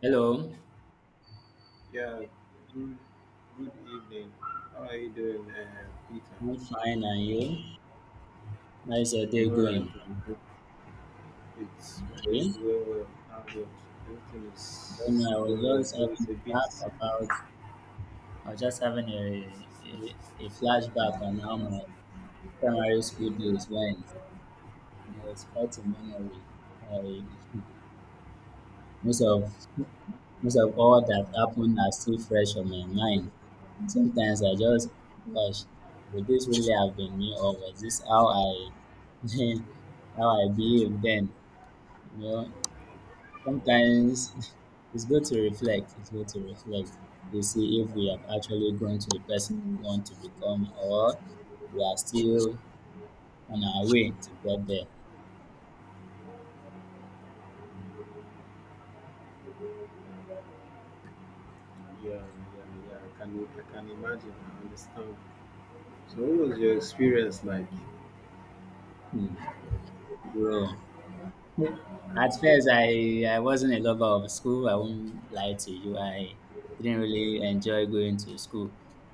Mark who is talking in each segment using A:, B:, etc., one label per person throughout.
A: Hello,
B: Yeah, good, good evening. How are you doing, Peter?
A: I'm fine, and you? How's your
B: I'm
A: day
B: alright.
A: going?
B: I'm good. It's my day is
A: Okay.
B: going well. How about everything
A: Then
B: is
A: I was
B: going well?
A: just
B: Though it's a
A: having a
B: bit,
A: rap about, I was just having a flashback on how my primary school days went. You know, it's quite a memory. I, most of most of all that happened are still fresh on my mind. And sometimes I just, gosh, would this really have been me, or was this how I how I behaved then? You know, Sometimes It's good to reflect to see if we have actually grown to the person we want to become or we are still on our way to get there.
B: yeah, yeah, yeah. I can imagine. I understand. So, what was your experience like?
A: Hmm. Grow. At first, I wasn't a lover of school. I won't lie to you. I didn't really enjoy going to school.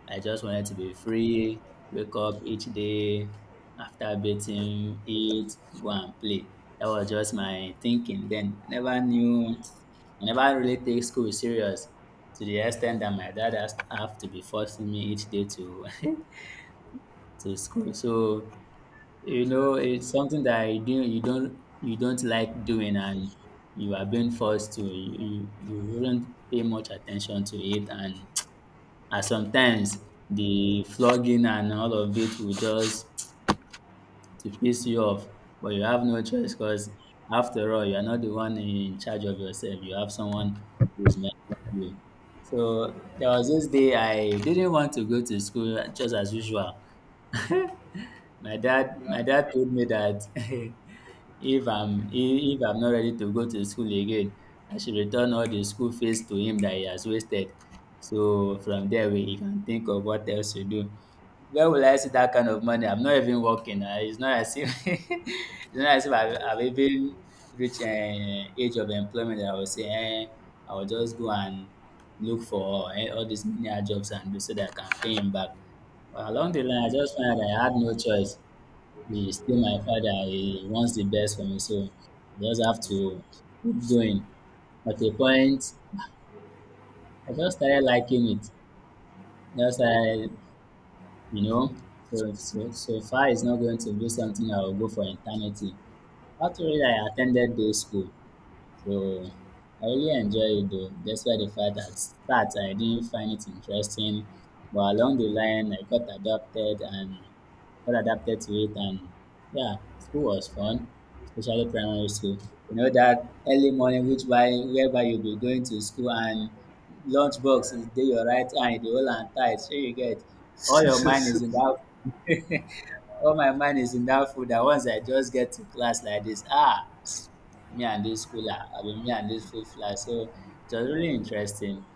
A: I just wanted to be free, wake up each day after bathing, eat, go and play. That was just my thinking then. Never knew, never really take school serious to the extent that my dad has have to be forcing me each day to to school. So you know, it's something that you do you don't like doing, and you are being forced to. You wouldn't pay much attention to it, and and sometimes the flogging and all of it will just to piss you off. But you have no choice because after all, you are not the one in charge of yourself. You have someone who's mentoring you. So there was this day I didn't want to go to school just as usual. My dad, my
B: Yeah.
A: dad told me that if I'm not ready to go to school again, I should return all the school fees to him that he has wasted. So from there, we he can think of what else to do. Where will I see that kind of money? I'm not even working. It's not as if it's not as if I've even reached an age of employment that I will say, eh, I will just go and look for eh, all these menial jobs and do so that I can pay him back. But along the line, I just found that I had no choice. He's still my father. He wants the best for me, so I just have to keep going. At a point, I just started liking it. Just I, you know, so, so, so far it's not going to be something I will go for eternity. After that, I attended day school. So I really enjoyed it though, despite the fact that at start I didn't find it interesting, but along the line I got adapted and got adapted to it, and yeah, school was fun, especially primary school. You know that early morning, which by whereby you'll be going to school and lunchbox is dey your right hand, the whole hold am tight, shey you get. All your
B: well,
A: mind is in that all my mind is in that food that once I just get to class like this, ah, me and this schooler, I mean me and this food fly. So it was really interesting.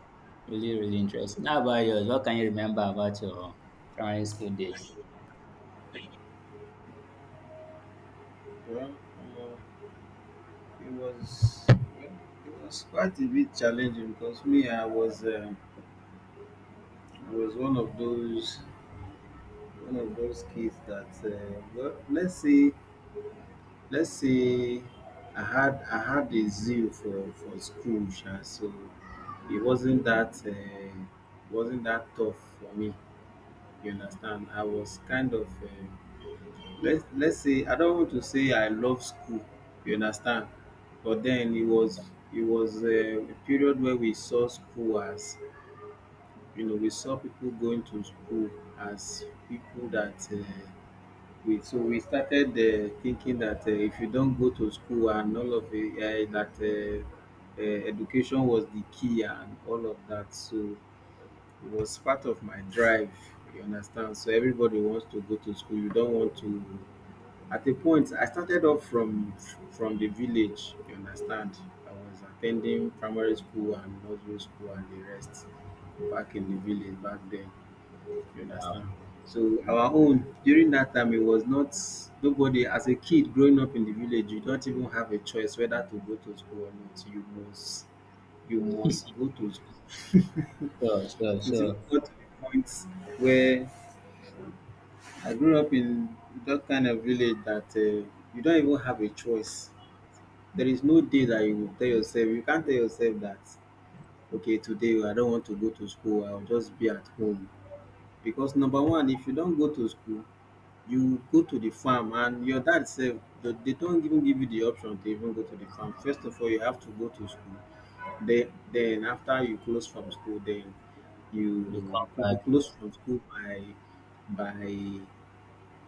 A: Really, really interesting. How about yours? What can you remember about your primary school days?
B: uh, it was well, it was quite a bit challenging because me, I was one of those kids that let's say I had a zeal for school sha, so it wasn't that tough for me. You understand? I was kind of, let's say I don't want to say I love school, you understand, but then it was, a period where we saw school as, you know, we saw people going to school as people that, we, so we started, thinking that, if you don't go to school and all of it, that education was the key and all of that. So it was part of my drive, you understand, so everybody wants to go to school, you don't want to. At a point I started off from the village, you understand. I was attending primary school and nursery school and the rest, back in the village back then, you
A: Wow.
B: understand? So our own during that time it was not, nobody, as a kid growing up in the village you don't even have a choice whether to go to school or not. You must, you must go to school.
A: Sure, sure,
B: It even
A: sure.
B: got to the point where I grew up in that kind of village that, you don't even have a choice. There is no day that you will tell yourself, you can't tell yourself that okay today I don't want to go to school, I'll just be at home, because number one, if you don't go to school, you go to the farm. And your dad sef, they dey don't even give you the option to even go to the farm. First of all you have to go to school. Then after you close from school, then you
A: You
B: you
A: come
B: could
A: back.
B: be close from school by by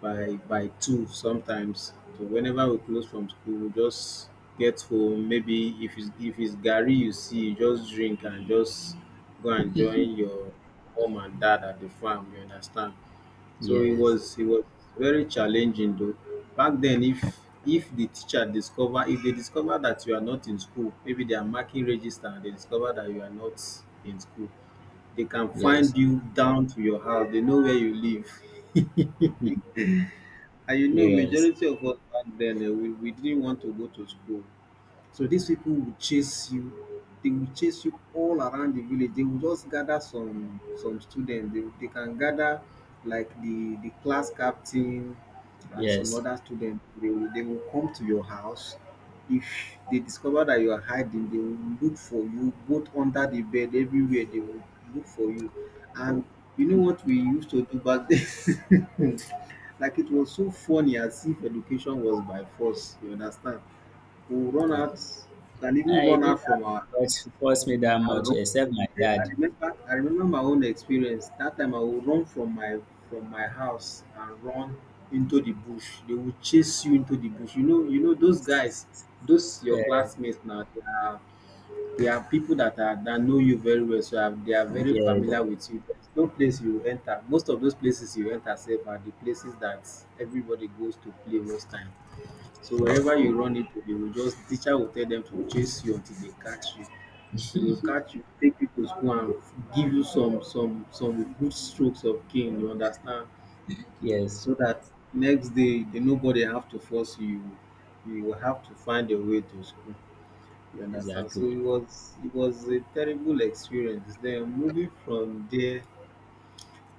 B: by two sometimes. So whenever we close from school we just get home. Maybe if it's garri you see, you just drink and just go and join your mom and dad at the farm, you understand. So it
A: Yes,
B: was, it was very challenging though. Back then, if the teacher discover, if they discover that you are not in school, maybe they are marking register and they discover that you are not in school, they can
A: yes.
B: find you down to your house. They know where you live.
A: Hmm.
B: And you know
A: Serious.
B: majority of us back then, eh, we didn't want to go to school. So these people will chase you. They will chase you all around the village. They will just gather some students. They can gather like the class captain and some
A: Yes.
B: other students. They will come to your house. If they discover that you are hiding, they will look for you both under the bed, everywhere. They will look for you. And you know what we used to do back then? Like it was so funny, as if education was by force. You understand? Who run out, can even
A: I
B: run out
A: didn't
B: from
A: have much to force me that
B: our
A: much
B: room.
A: except my dad.
B: I remember my own experience. That time I would run from my house and run into the bush. They will chase you into the bush. You know those guys, those your
A: Uh,
B: classmates now, they are, they are people that are, that know you very well. So they are very
A: yes,
B: familiar with you. There's no place you enter. Most of those places you enter safe are the places that everybody goes to play most time. So
A: sure.
B: wherever you run into, they will just, teacher will tell them to chase you until they catch you. So they will catch you, take you to school and give you some good strokes of cane, you understand?
A: Yes,
B: So that next day, they, nobody have to force you. You will have to find a way to school. You understand? So
A: exactly.
B: it was, it was a terrible experience. Then moving from there,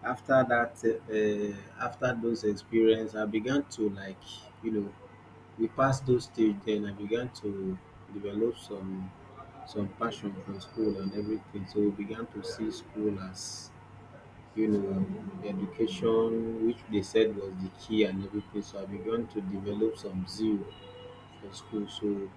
B: after that after those experience, I began to like, you know, we passed those stage. Then I began to develop some passion for school and everything. So we began to see school as, you know, the education which they said was the key and everything. So I began to develop some zeal for school. So,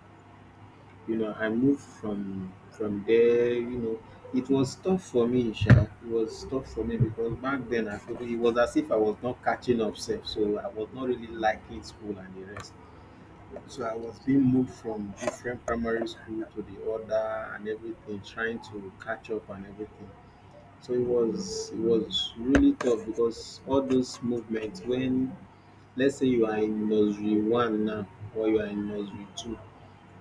B: you know, I moved from there, you know. It was tough for me sha, it was tough for me, because back then I feel it was as if I was not catching up sef, so I was not really liking school and the rest. So I was being moved from different primary school to the other and everything, trying to catch up and everything. So it was, it was really tough because all those movements, when let's say you are in nursery one now or you are in nursery two,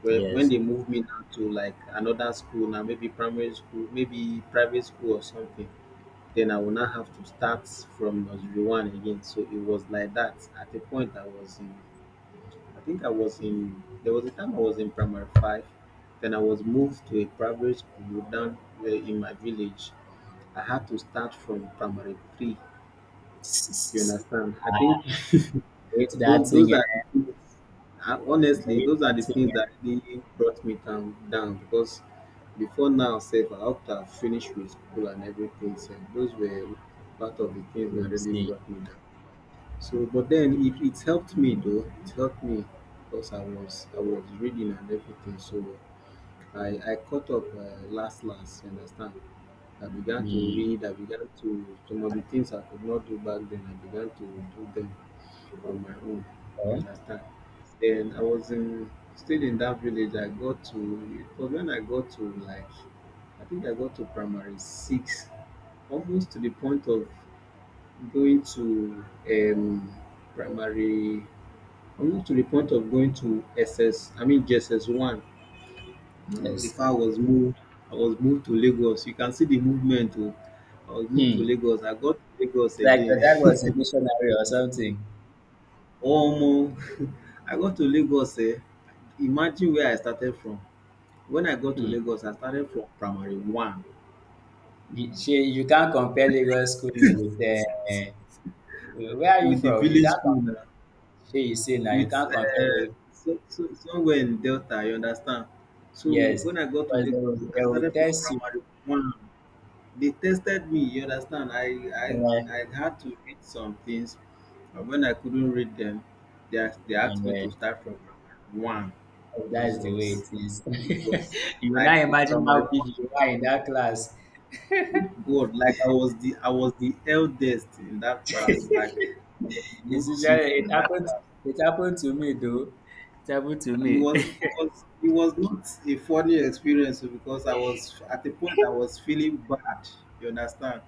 B: where when
A: Yes.
B: they move me now to like another school now, maybe primary school, maybe private school or something, then I will now have to start from nursery one again. So it was like that. At a point I was in, I think I was in, there was a time I was in primary five, then I was moved to a private school down where in my village. I had to start from primary three. You understand? I
A: I
B: think
A: hate that
B: those
A: thing.
B: are the things. I,
A: I
B: honestly,
A: hate
B: those are
A: that
B: the
A: thing.
B: things that really brought me down, down, because before now, safe after I finished with school and everything, so those were part of the things that
A: Actually,
B: really
A: see,
B: brought me down. So, but then it helped me though. It helped me because I was reading and everything. So I caught up, last last. You understand? I began to
A: hmm.
B: read. I began to, some of the things I could not do back then, I began to do them on my own. You
A: Oh,
B: understand? Then I was in, still in that village. I got to, it was when I got to, like I think I got to primary six, almost to the point of going to, um, primary I to the point of going to SS I mean JSS1
A: yes,
B: before I was moved, I was moved to Lagos. You can see the movement oh. I was moved to
A: hmm.
B: Lagos. I got to Lagos
A: Like that
B: again.
A: that was a missionary or something.
B: Omo! I got to Lagos, eh. Imagine where I started from. When I got to
A: Hmm.
B: Lagos, I started from primary 1
A: You, she, you can't compare Lagos schooling with the. Where are you
B: with the
A: from? You
B: village
A: can't.
B: school,
A: Com- She, you see now, you
B: with,
A: can't compare. Lag-
B: somewhere in Delta, you understand. So
A: Yes,
B: when I got to
A: because
B: Lagos, I
A: they will
B: started from
A: test you.
B: primary one. They tested me, you understand.
A: Uh,
B: I had to read some things, and when I couldn't read them, they asked me
A: yeah,
B: to start from primary one.
A: that's the way
B: Jesus,
A: it is.
B: it was
A: You will
B: like
A: not imagine
B: primary
A: how big
B: one.
A: you are in that class.
B: God, like I was the eldest in that class, like I was the
A: It's
B: most
A: usually
B: senior
A: it
B: in that
A: happened.
B: class.
A: It happened to me though. It happened to
B: It
A: me.
B: was it was not a funny experience oh, because I was, at the point I was feeling bad, you understand?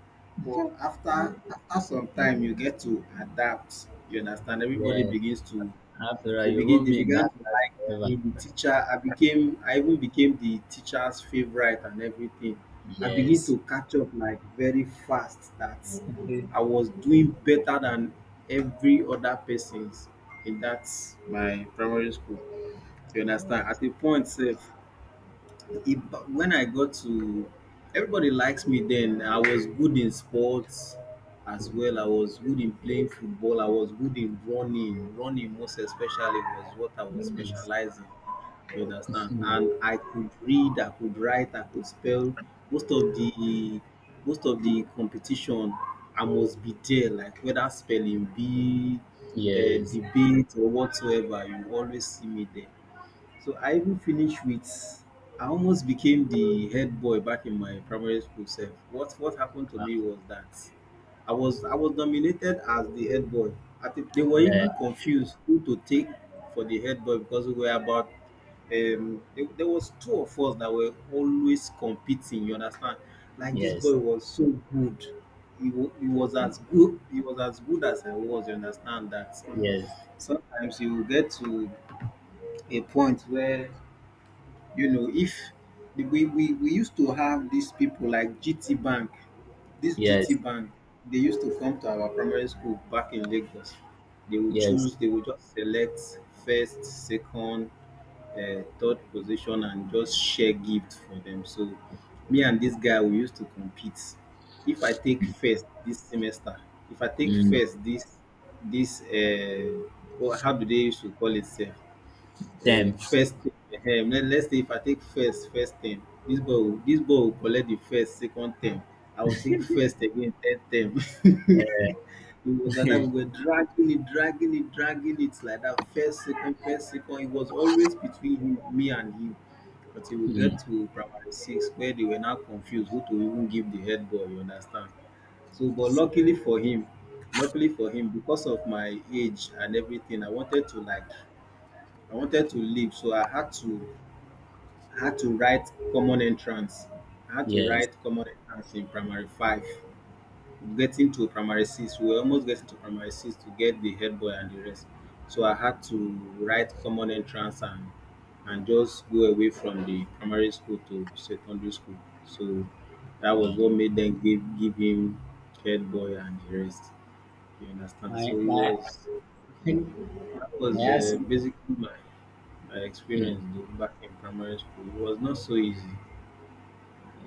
B: But after, after some time you get to adapt, you understand? Everybody
A: Yes.
B: begins to,
A: After all, you won't
B: they
A: be in
B: began
A: that
B: to like
A: class
B: me, the
A: forever.
B: teacher. I became, I even became the teacher's favorite and everything. I begin
A: Yes.
B: to catch up like very fast, that I was doing better than every other persons in that my primary school. You understand?
A: Yes.
B: At a point sef, if when I got to everybody likes me then. I was good in sports as well. I was good in playing football. I was good in running. Running most especially was what I was
A: Yes.
B: specializing. You understand?
A: Hmm.
B: And I could read, I could write, I could spell. Most of the competition I must be there, like whether spelling bee,
A: Yes.
B: debate or whatsoever, you always see me there. So I even finished with, I almost became the head boy back in my primary school self. What happened to
A: Wow.
B: me was that I was nominated as the head boy. I think they were
A: Yeah.
B: even confused who to take for the head boy, because we were about, there, there was two of us that were always competing, you understand? Like this
A: Yes.
B: boy was so good. He was as good he was as good as I was, you understand that
A: Yes.
B: sometimes you will get to a point where if we used to have these people like GT Bank, this GT
A: Yes.
B: Bank, they used to come to our primary school back in Lagos.
A: Yes.
B: They would just select first, second, third position and just share gift for them. So me and this guy, we used to compete. If I take first this semester, if I take
A: Mm.
B: first this, this, how do they used to call it? Sef?
A: Damn.
B: First thing let's say if I take first first term. This boy go, dis boy go collect the first second term, I go take first again third term. It was like that.
A: Eh,
B: We were dragging it dragging it like that. First second, first second, it was always between him me and him until we
A: hmm.
B: get to primary six, where they were now confused who to even give the head boy, you understand. So but luckily for him, because of my age and everything, I wanted to leave, so I had to write common entrance. I had to
A: Yes.
B: write common entrance in primary five, getting to primary six. We were almost getting to primary six to get the head boy and the rest. So I had to write common entrance and just go away from the primary school to secondary school. So that was
A: Wow.
B: what made them give him head boy and the rest. You understand?
A: My
B: So it
A: my
B: was
A: I
B: that was
A: had sim-
B: basically my I experienced
A: hmm.
B: though back in primary school. It was not so easy.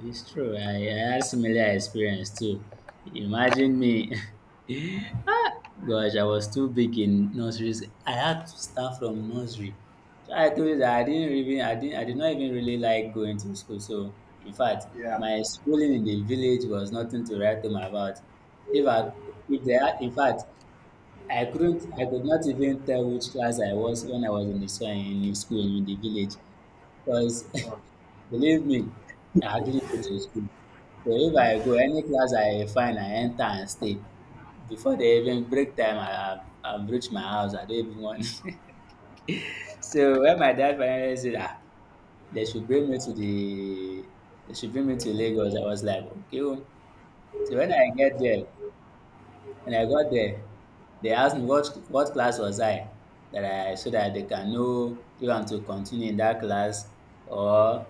A: It's true. I had similar experience too. Imagine me gosh, I was too big in nurseries. I had to start from nursery. So I told you that I didn't even I did not even really like going to school. So in fact,
B: Yeah.
A: my schooling in the village was nothing to write home about. If I if they had, in fact I could not even tell which class I was when I was in the school in the village because believe me, I didn't go to school. So if I go any class I find I enter and stay, before dey even break time I have reach my house I don even wan so when my dad finally said ah they should bring me to the they should bring me to Lagos I was like okay o. So when I get there, when I got there they asked me what class was I that I so that they can know if I'm to continue in that class or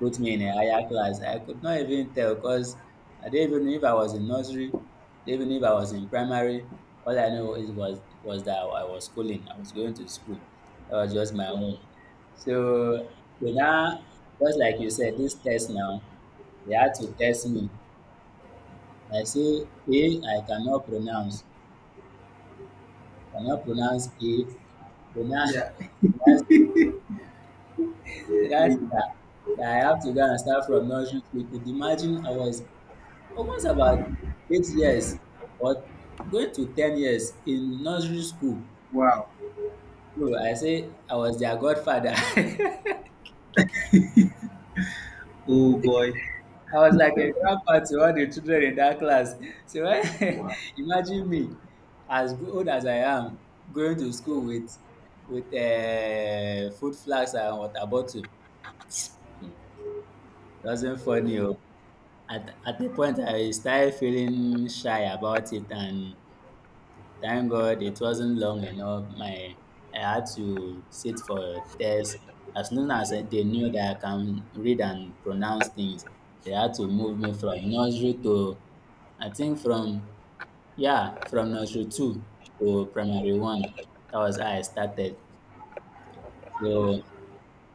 A: put me in a higher class. I could not even tell because I didn't even know if I was in nursery, didn't even know if I was in primary. All I know is was that I was schooling. I was going to school. That was just my own. So they now, just like you said, this test now, they had to test me. I say A, I cannot pronounce. Cannot pronounce A. They now,
B: Yeah.
A: they now say they
B: Eh,
A: now
B: eh.
A: say that, that I have to go and start from nursery school. You could imagine I was almost about 8 years or going to 10 years in nursery school.
B: Wow.
A: So I say I was their godfather. I
B: Oh boy.
A: was like a grandpa to all the children in that class. So
B: Wow.
A: imagine me as old as I am going to school with food flags and water bottle. Doesn't funny. Oh. At the point I started feeling shy about it and thank God it wasn't long enough. My I had to sit for a test. As soon as they knew that I can read and pronounce things, they had to move me from nursery to I think from yeah, from nursery two to primary one. That was how I started. So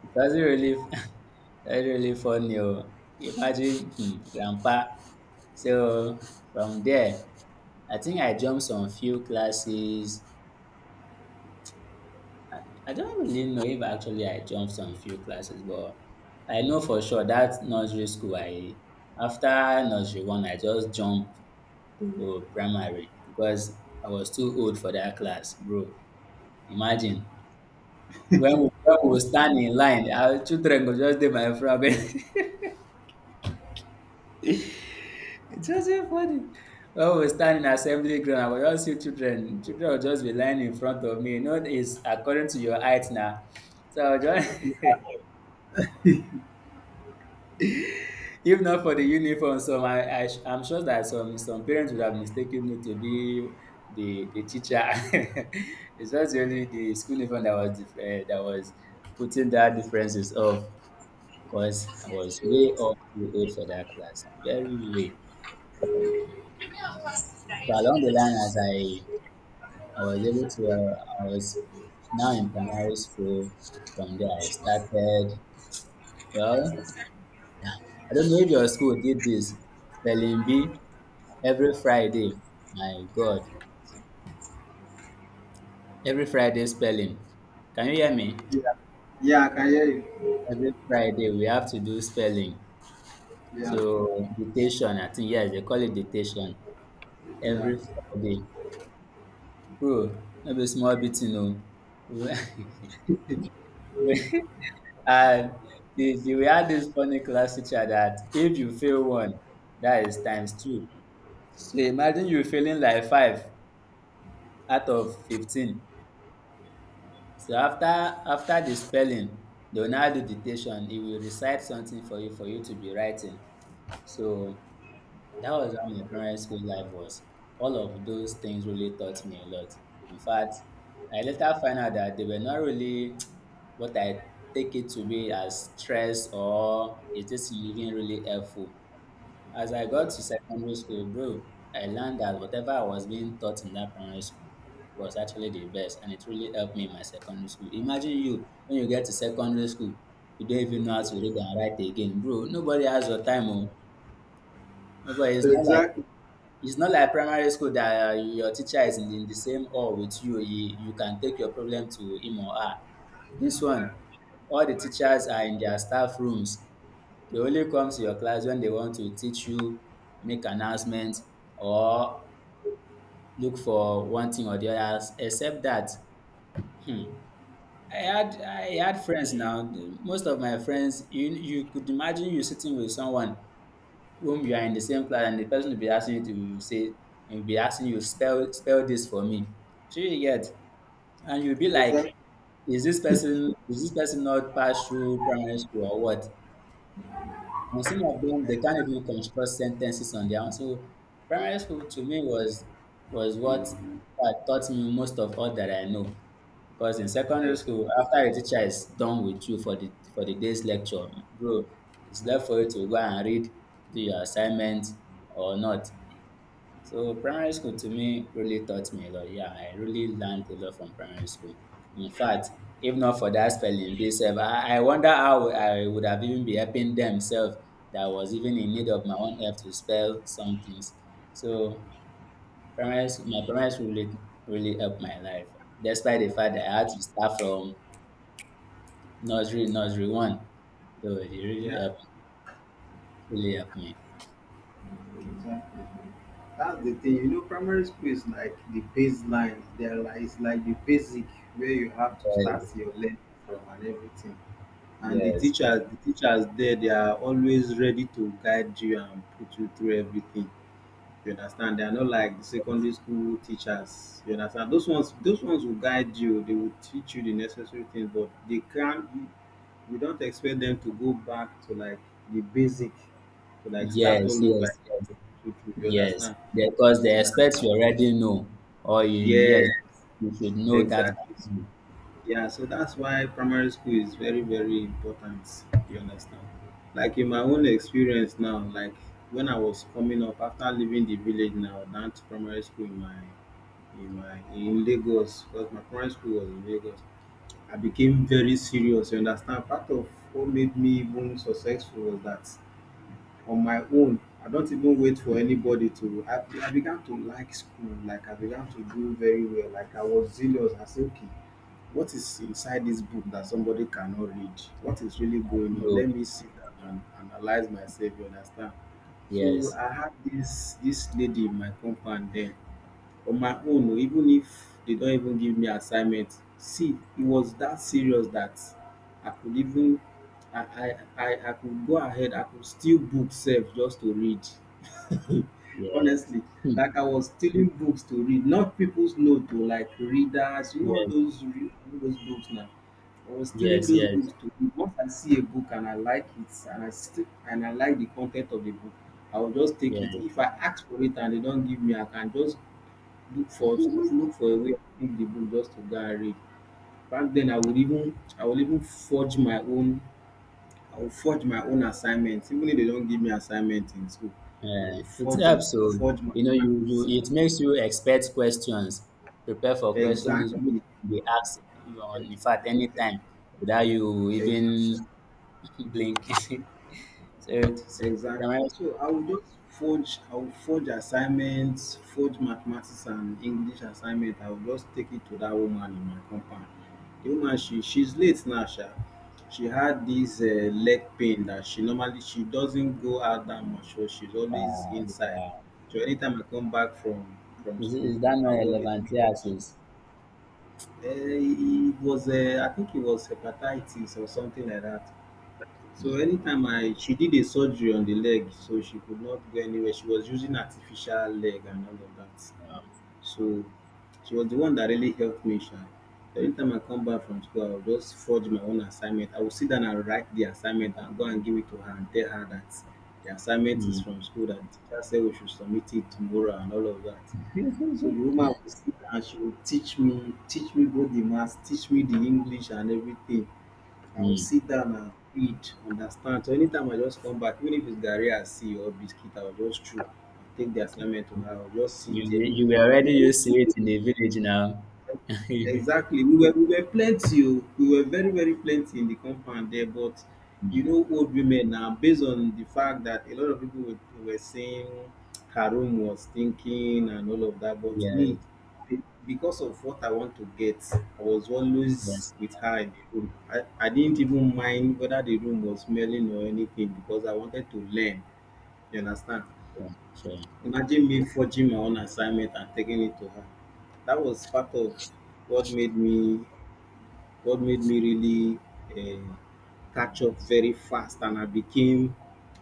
A: it wasn't really that's really funny. Oh. Imagine hmm, grandpa. So from there, I think I jumped some few classes. I don't really know if actually I jumped some few classes, but I know for sure that nursery school I after nursery one I just jumped to primary because I was too old for that class, bro. Imagine when we stand in line, our children go just dey my front. It's just so funny. When we stand in assembly ground, I will just see children. Children will just be lying in front of me. You know, it's according to your height now. So I will just
B: Yeah.
A: if not for the uniform, some I sh- I'm sure that some parents would have mistaken me to be the teacher. It's just really the school uniform that was different eh, that was putting that differences off because I was way off too old for that class, very way. So along the line, as I was able to, I was now in primary school. From there, I started. Well, I don't know if your school did this spelling bee every Friday. My God, every Friday spelling. Can you hear me?
B: Yeah. Yeah, I can hear you.
A: Every Friday we have to do spelling.
B: Yeah.
A: So dictation, I think yes, they call it dictation. Every Friday. Bro, no be small beating o. And we had this funny class teacher that if you fail one, that is times two. So imagine you failing like five out of 15. So after the spelling, they will now do dictation. He will recite something for you to be writing. So that was how my primary school life was. All of those things really taught me a lot. In fact, I later found out that they were not really what I take it to be as stress or is this living really helpful. As I got
B: Yeah.
A: to secondary school, bro, I learned that whatever I was being taught in that primary school was actually the best and it really helped me in my secondary school. Imagine you when you get to secondary school, you don't even know how to read and write again. Bro, nobody has your time. Oh. Nobody.
B: Exactly.
A: It's not like primary school that your teacher is in the same hall with you. You can take your problem to him or her. This one, all the teachers are in their staff rooms. They only come to your class when they want to teach you, make announcement, or look for one thing or the other. Except that, hmm, I had friends now. Most of my friends, you could imagine you sitting with someone whom you are in the same class and the person will be asking you to say and will be asking you spell this for me. So you get and you'll be like,
B: Exactly.
A: is this person not pass through primary school or what? And some of them they can't even construct sentences on their own. So primary school to me was what taught me most of all that I know. Because in secondary
B: Exactly.
A: school, after a teacher is done with you for the day's lecture, bro, it's left for you to go and read, do your assignment or not. So primary school to me really taught me a lot. Yeah, I really learned a lot from primary school. In fact, if not for that spelling bee sef, I wonder how I would have even be helping themself that was even in need of my own help to spell some things. So primary school, my primary school really, really helped my life. Despite the fact that I had to start from nursery, nursery one, though it
B: Yeah.
A: really helped me.
B: Exactly. That's the thing. You know, primary school is like the baseline. There, like it's like the basic where you have to start your learning from and everything. And
A: Yes,
B: the teachers there, they are always ready to guide you and put you through everything, you understand. They are not like the secondary school teachers, you understand. Those ones, will guide you, they will teach you the necessary things, but they can't, we don't expect them to go back to like the basic, to like start
A: yes,
B: all over.
A: yes, yes,
B: You you
A: yes.
B: understand.
A: Yes, because the
B: So that's,
A: experts you already know, or you,
B: yeah,
A: yes, you should know that.
B: exactly. Yeah, so that's why primary school is very, very important. You understand? Like in my own experience now, like when I was coming up after leaving the village now, down to primary school in my, in Lagos, because my primary school was in Lagos, I became very serious. You understand? Part of what made me even successful was that on my own. I don't even wait for anybody to. I began to like school. Like I began to do very well. Like I was zealous. I said, okay, what is inside this book that somebody cannot read? What is really going on?
A: You,
B: Let me sit down and analyze myself. You understand? So
A: yes,
B: I had this lady in my compound then. On my own o, even if they don't even give me assignment, see, it was that serious that I could even I I I I could go ahead, I could steal book sef just to read,
A: yes,
B: honestly.
A: hmm,
B: Like I was stealing books to read, not people's note o, like readers, you know, all
A: yes,
B: those all those books now. I was stealing
A: yes,
B: those
A: yes,
B: books to read. Once I see a book and I like it, and I like the content of the book, I will just take it.
A: yes.
B: If I ask for it and they don't give me, I can just look for look for a way to pick the book just to go and read. Back then I would even forge my own, I would forge my own assignments. Even if they don't give me assignment in school, I will
A: It
B: forge it,
A: helps. So
B: forge my
A: you know, you,
B: practice.
A: you it makes you expect questions, prepare for questions which
B: Exactly.
A: can be asked on in fact anytime without you even blinking. So it's
B: Exactly.
A: from-
B: So I will forge assignments, forge mathematics and English assignment. I will just take it to that woman in my compound. The woman, she's late now sha. She had this, leg pain that she normally, she doesn't go out that much, so she's always inside. So anytime I come back from
A: is,
B: school,
A: is that not
B: I always
A: relevant?
B: meet
A: Yes,
B: her.
A: it's.
B: It was, I think it was hepatitis or something like that. So
A: Hmm,
B: anytime I, she did a surgery on the leg, so she could not go anywhere. She was using artificial leg and all of that.
A: wow.
B: So she was the one that really helped me, sha. Anytime I come back from school, I will just forge my own assignment. I will sit down and write the assignment and go and give it to her and tell her that the assignment is
A: Hmm,
B: from school, that the teacher said we should submit it tomorrow and all of that. So the woman will sit and she will teach me, both the maths, teach me the English and everything. I will
A: hmm.
B: sit down and read, understand. So anytime I just come back, even if it's garri I see or biscuit, I will just chew and take the assignment to her. I will just sit
A: You
B: there.
A: you were
B: You
A: already
B: know,
A: used to it in the village now.
B: exactly. We were plenty. Oh. We were very, very plenty in the compound there, but you
A: Mm.
B: know, old women now, based on the fact that a lot of people were saying Karum was thinking and all of that, but me,
A: Yes,
B: because of what I want to get, I was always
A: yes,
B: with her in the room. I didn't even mind whether the room was smelling or anything because I wanted to learn. You understand?
A: sure, sure.
B: Imagine me forging my own assignment and taking it to her. That was part of what made me what made me really, uh, catch up very fast, and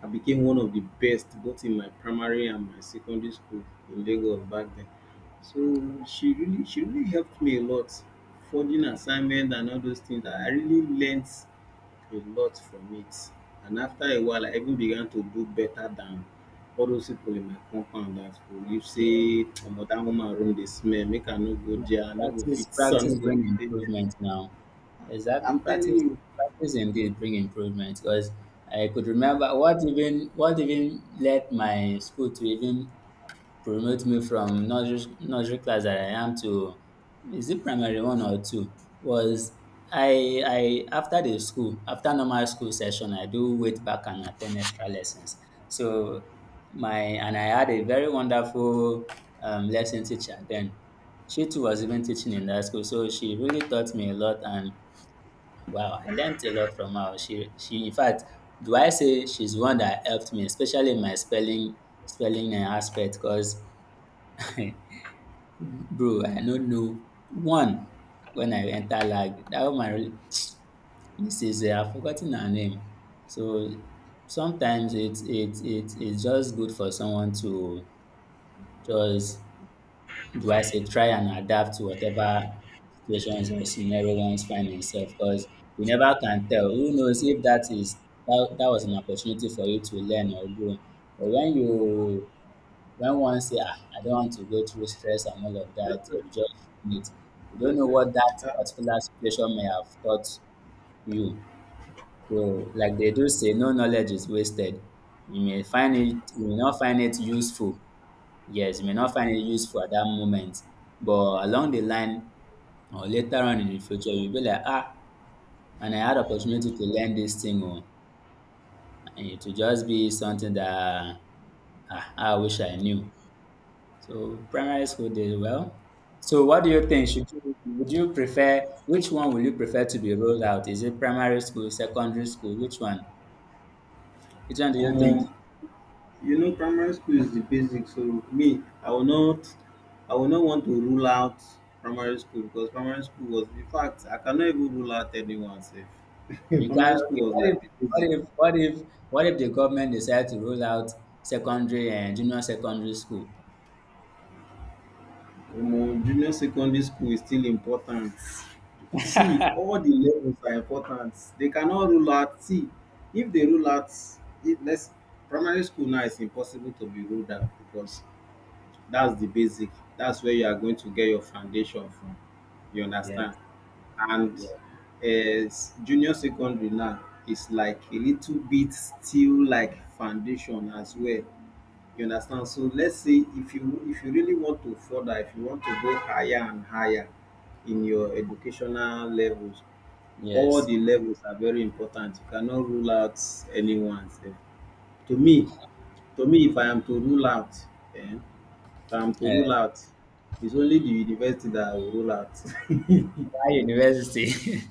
B: I became one of the best both in my primary and my secondary school in Lagos back then. So she really helped me a lot, forging assignment and all those things. I really learnt a lot from it. And after a while, I even began to do better than all those people in my compound that will you
A: Yeah.
B: say, Omo, that woman room dey smell, make I no go there, I no go
A: Practice
B: fit, son no
A: practice
B: go
A: bring
B: fit stay there.
A: improvement now. Exactly.
B: I'm telling
A: Practice
B: you,
A: practice indeed bring improvement because I could remember what even led my school to even promote me from nursery class that I am to is it primary one or two was I after the school after normal school session I do wait back and attend extra lessons so my and I had a very wonderful lesson teacher then she too was even teaching in that school so she really taught me a lot and wow I learned a lot from her she in fact do I say she's one that helped me especially in my spelling spelling aspect cause bro, I no know one when I enter lag. Dat woman Mrs. I've forgotten her name. So sometimes it's just good for someone to just do I say try and adapt to whatever situations or scenario ones find himself because you never can tell. Who knows if that is that that was an opportunity for you to learn or grow. But when you When one say, "Ah, I don't want to go through stress and all of that," you
B: different,
A: just feel it. You don't know
B: different.
A: what that
B: Uh,
A: particular situation may have taught you. So, like they do say, no knowledge is wasted. You may find it, you may not find it useful. Yes, you may not find it useful at that moment, but along the line or later on in the future, you'll be like, ah, and I had opportunity to learn this thing, or it will just be something that ah, I wish I knew. So primary school did well. So what do you think? Should you Would you prefer which one will you prefer to be rolled out? Is it primary school, secondary school? Which one? Which one do you think
B: Omo, you know, primary school is the basic. So me, I will not want to rule out primary school because primary school was, in fact, I cannot even rule out anyone. Sef.
A: you can?
B: Primary
A: Okay,
B: school was like the basic.
A: what if what if what if the government decide to roll out secondary and junior secondary school?
B: Omo, junior secondary school is still important. See, all the levels are important. They cannot rule out. See, if they rule out if let's primary school now is impossible to be ruled out because that's the basic. That's where you are going to get your foundation from. You understand?
A: Yes,
B: And
A: yes,
B: um junior secondary now is like a little bit still like foundation as well. You understand. So let's say if you, really want to further, if you want to go higher and higher in your educational levels, all
A: yes.
B: the levels are very important. You cannot rule out any one sef. To me, if I am to rule out, um if I am to rule
A: Uh,
B: out it's only the university that I will rule out.
A: why university?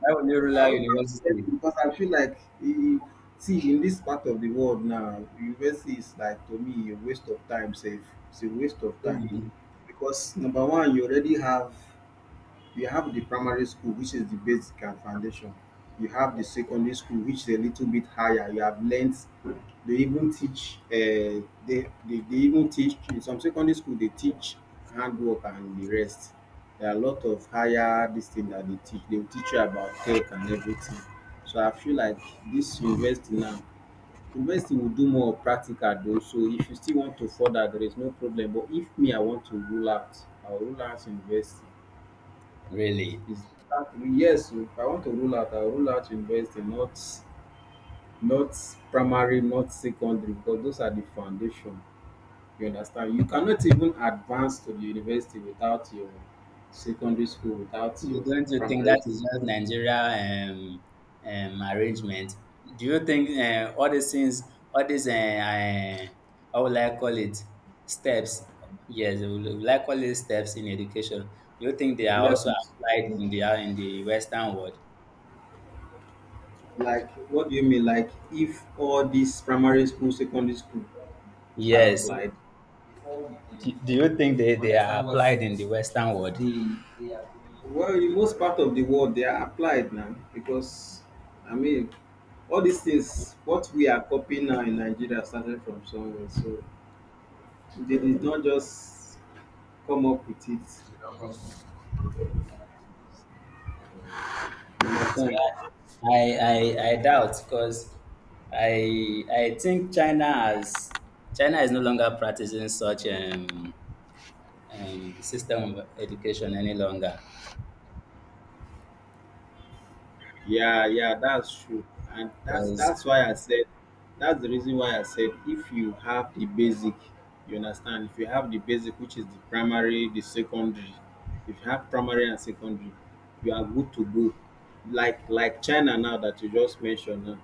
A: Why would you roll
B: I
A: out
B: would love to get
A: university?
B: in because I feel like e, see, in this part of the world now, university is like, to me, a waste of time sef. It's a waste of time
A: Really,
B: because number one, you have the primary school, which is the basic and foundation. You have the secondary school, which is a little bit higher. You have learnt. They even teach. They even teach in some secondary school. They teach handwork and the rest. There are a lot of higher this thing that they teach. They will teach you about tech and everything. So I feel like this university now, university will do more of practical though. So if you still want to further, there is no problem. But if me, I want to rule out, I'll rule out university.
A: really.
B: Is that, yes, if I want to rule out, I'll rule out university, not not primary, not secondary, because those are the foundation. You understand? You cannot even advance to the university without your secondary school, without
A: You
B: your
A: don't you think
B: primary
A: that is just Nigeria um, arrangement? Do you think all these things, all these, uh, uh, how will I call it, steps? Yes, will I call it steps in education? Do you think they
B: school
A: are also
B: levels.
A: applied in the Western world?
B: Like, what do you mean? Like, if all these primary school, secondary schools are
A: Yes. Do
B: applied,
A: do you think they are applied in the Western world?
B: well, in most part of the world, they are applied now because, I mean, all these things, what we are copying now in Nigeria started from somewhere. So they did not just come up with it. You
A: So
B: understand?
A: I doubt because I think China is no longer practicing such system of education any longer
B: Yeah, yeah, that's true. And that's
A: because
B: that's why I said if you have the basic, you understand, if you have the basic which is the primary, the secondary, if you have primary and secondary, you are good to go. Like China now that you just mentioned now.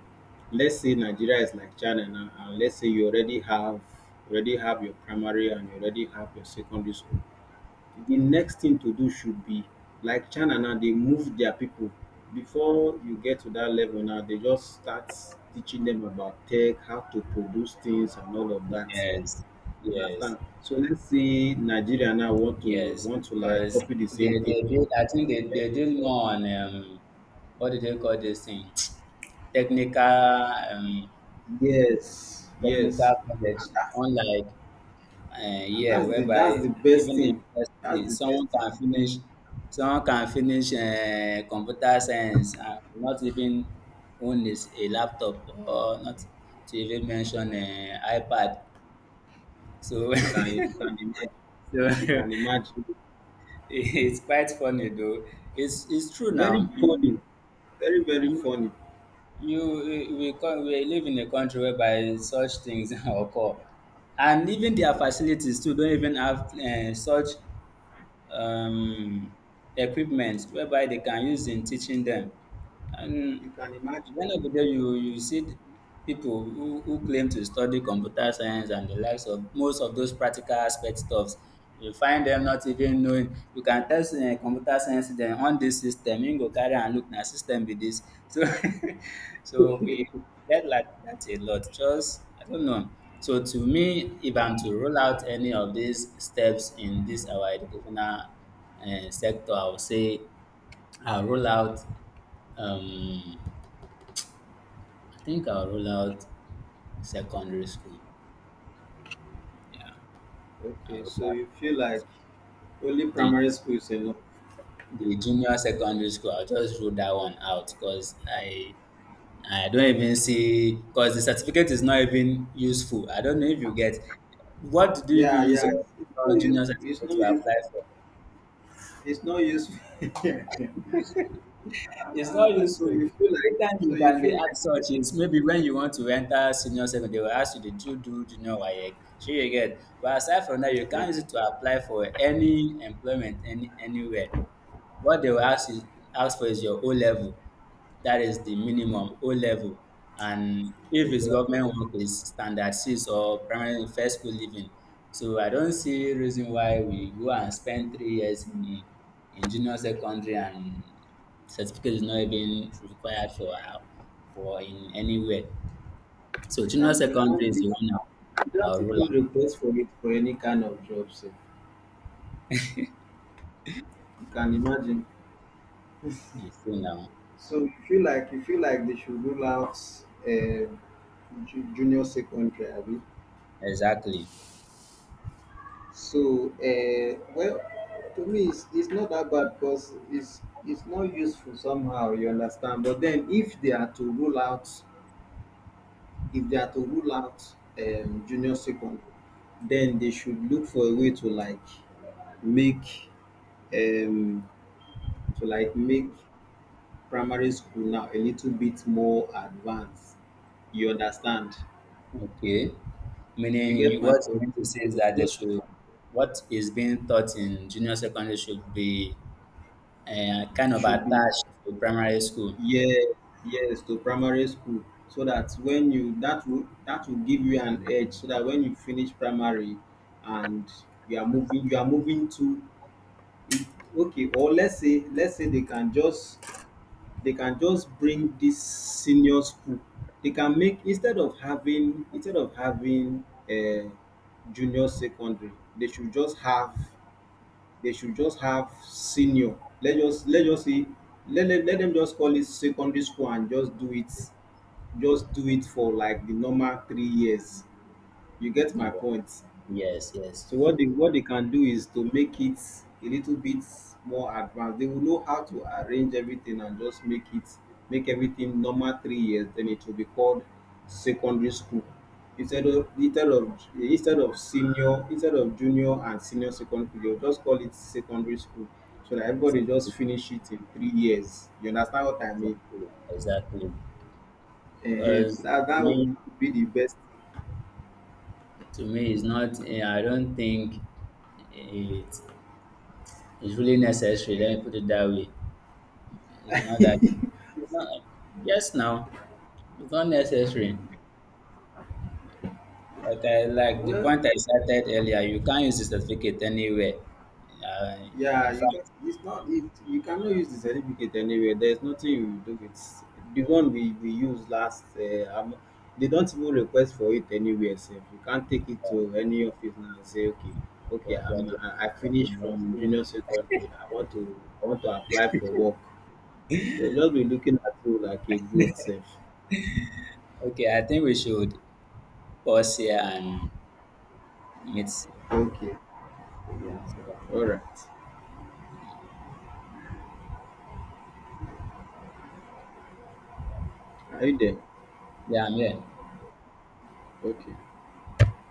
B: Let's say Nigeria is like China now, and let's say you already have your primary and you already have your secondary school. The next thing to do should be like China now, they move their people. Before you get to that level now, they just start teaching them about tech, how to produce things and all of that.
A: yes
B: You
A: yes
B: understand? So let's say Nigeria now want to
A: yes
B: want to like
A: because
B: copy the
A: they
B: same thing.
A: they build I think they
B: Eh?
A: they deal more on what do they call this thing technical
B: Yes,
A: technical
B: yes.
A: college
B: And that's
A: unlike
B: and
A: yeah,
B: that's the
A: whereby
B: best
A: even the
B: thing.
A: university,
B: That's the best thing.
A: someone can finish computer science and not even own is a laptop or not to even mention iPad. So,
B: You can
A: so
B: you can imagine. You can imagine.
A: it's quite funny though. It's true
B: Very
A: now.
B: funny. Very, very
A: You,
B: funny.
A: you we, co- we live in a country whereby such things occur, and even their facilities too don't even have such um equipment whereby they can use in teaching them. And
B: You can
A: at
B: imagine.
A: the end of the day, you see people who claim to study computer science and the likes of most of those practical aspect stuffs. You find them not even knowing. You can tell say, eh, computer science then on this system, you go carry and look na system be this. So so we get like that a lot. Just I don't know. So to me, if I'm to roll out any of these steps in this our educational sector, I would say I'll roll out um, I think I'll rule out secondary school. Yeah, I'll
B: Okay, so
A: rule out
B: you feel like only
A: the
B: primary school is enough.
A: the junior secondary school. I'll just rule that one out because I don't even see because the certificate is not even useful. I don't know if you get what do you even
B: Yeah,
A: use
B: yeah. It's no
A: your
B: use.
A: junior
B: It's
A: certificate
B: no
A: to
B: use.
A: apply for?
B: It's no use.
A: It's not
B: Ah, so
A: useful.
B: you feel like.
A: Every time
B: So
A: you
B: you
A: can be
B: feel like.
A: asked such is maybe when you want to enter senior secondary, they will ask you, did you do junior WAEC? Sure you get. But aside from that, you
B: Yeah,
A: can't use it to apply for any employment any, anywhere. What they will ask is ask for is your O level. That is the minimum O level. And if it's
B: exactly.
A: government
B: You
A: work, it's standard six or primary first school living. So I don't see reason why we go and spend 3 years in junior secondary and certificate is not even required for for in anywhere. So junior
B: can. You
A: secondary
B: can't.
A: is
B: You,
A: the one
B: can't,
A: I'll
B: you don't
A: rule out.
B: even request for it for any kind of job. So you can imagine.
A: You see now
B: So you feel like they should rule out uh, junior secondary. Abi?
A: exactly.
B: So, well, to me, it's not that bad because it's not useful somehow. You understand? But then, if they are to rule out, if they are to rule out junior second, then they should look for a way to like make um, to like make primary school now a little bit more advanced. You understand?
A: Okay. Meaning
B: You get my
A: what you
B: point.
A: meant to say
B: They
A: is
B: would
A: that they
B: just
A: should what is being taught in junior secondary should be kind of
B: should be
A: attached to primary school.
B: yes, yes, to primary school so that when you that will give you an edge so that when you finish primary and you are moving to. Okay, or let's say they can just bring this senior school. They can make instead of having a junior secondary. they should just have they should just have senior. Let just let just say let them just call it secondary school and just do it for like the normal three years. You get my
A: Yeah.
B: point?
A: Yes, yes,
B: So what they can do is to make it a little bit more advanced. They will know how to arrange everything and just make it make everything normal three years. Then it will be called secondary school instead of instead of instead of senior instead of junior and senior secondary. They'll just call it secondary school so that everybody just
A: exactly,
B: finish it in three years. You understand what I mean?
A: exactly, exactly. Because
B: That would
A: me,
B: be the best.
A: to me, it's not. Eh, I don't think it is really necessary. Let me put it that way. It's not that. It's not. Yes, now it's not necessary. Like I like the
B: Well,
A: point I started earlier. You can't use the certificate anywhere. Uh,
B: yeah,
A: in
B: you can.
A: fact,
B: It's not. You cannot use the certificate anywhere. There's nothing you will do with the one we used last. They don't even request for it anywhere. Safe. You can't take it to any office now and say, okay,
A: but, but,
B: I
A: but
B: finished from junior secondary. I want to apply for work. They'll just be looking at you like a good safe.
A: okay. I think we should Boss here and meet
B: Okay,
A: again. So that,
B: all right. Are you there?
A: yeah, I'm here.
B: Okay.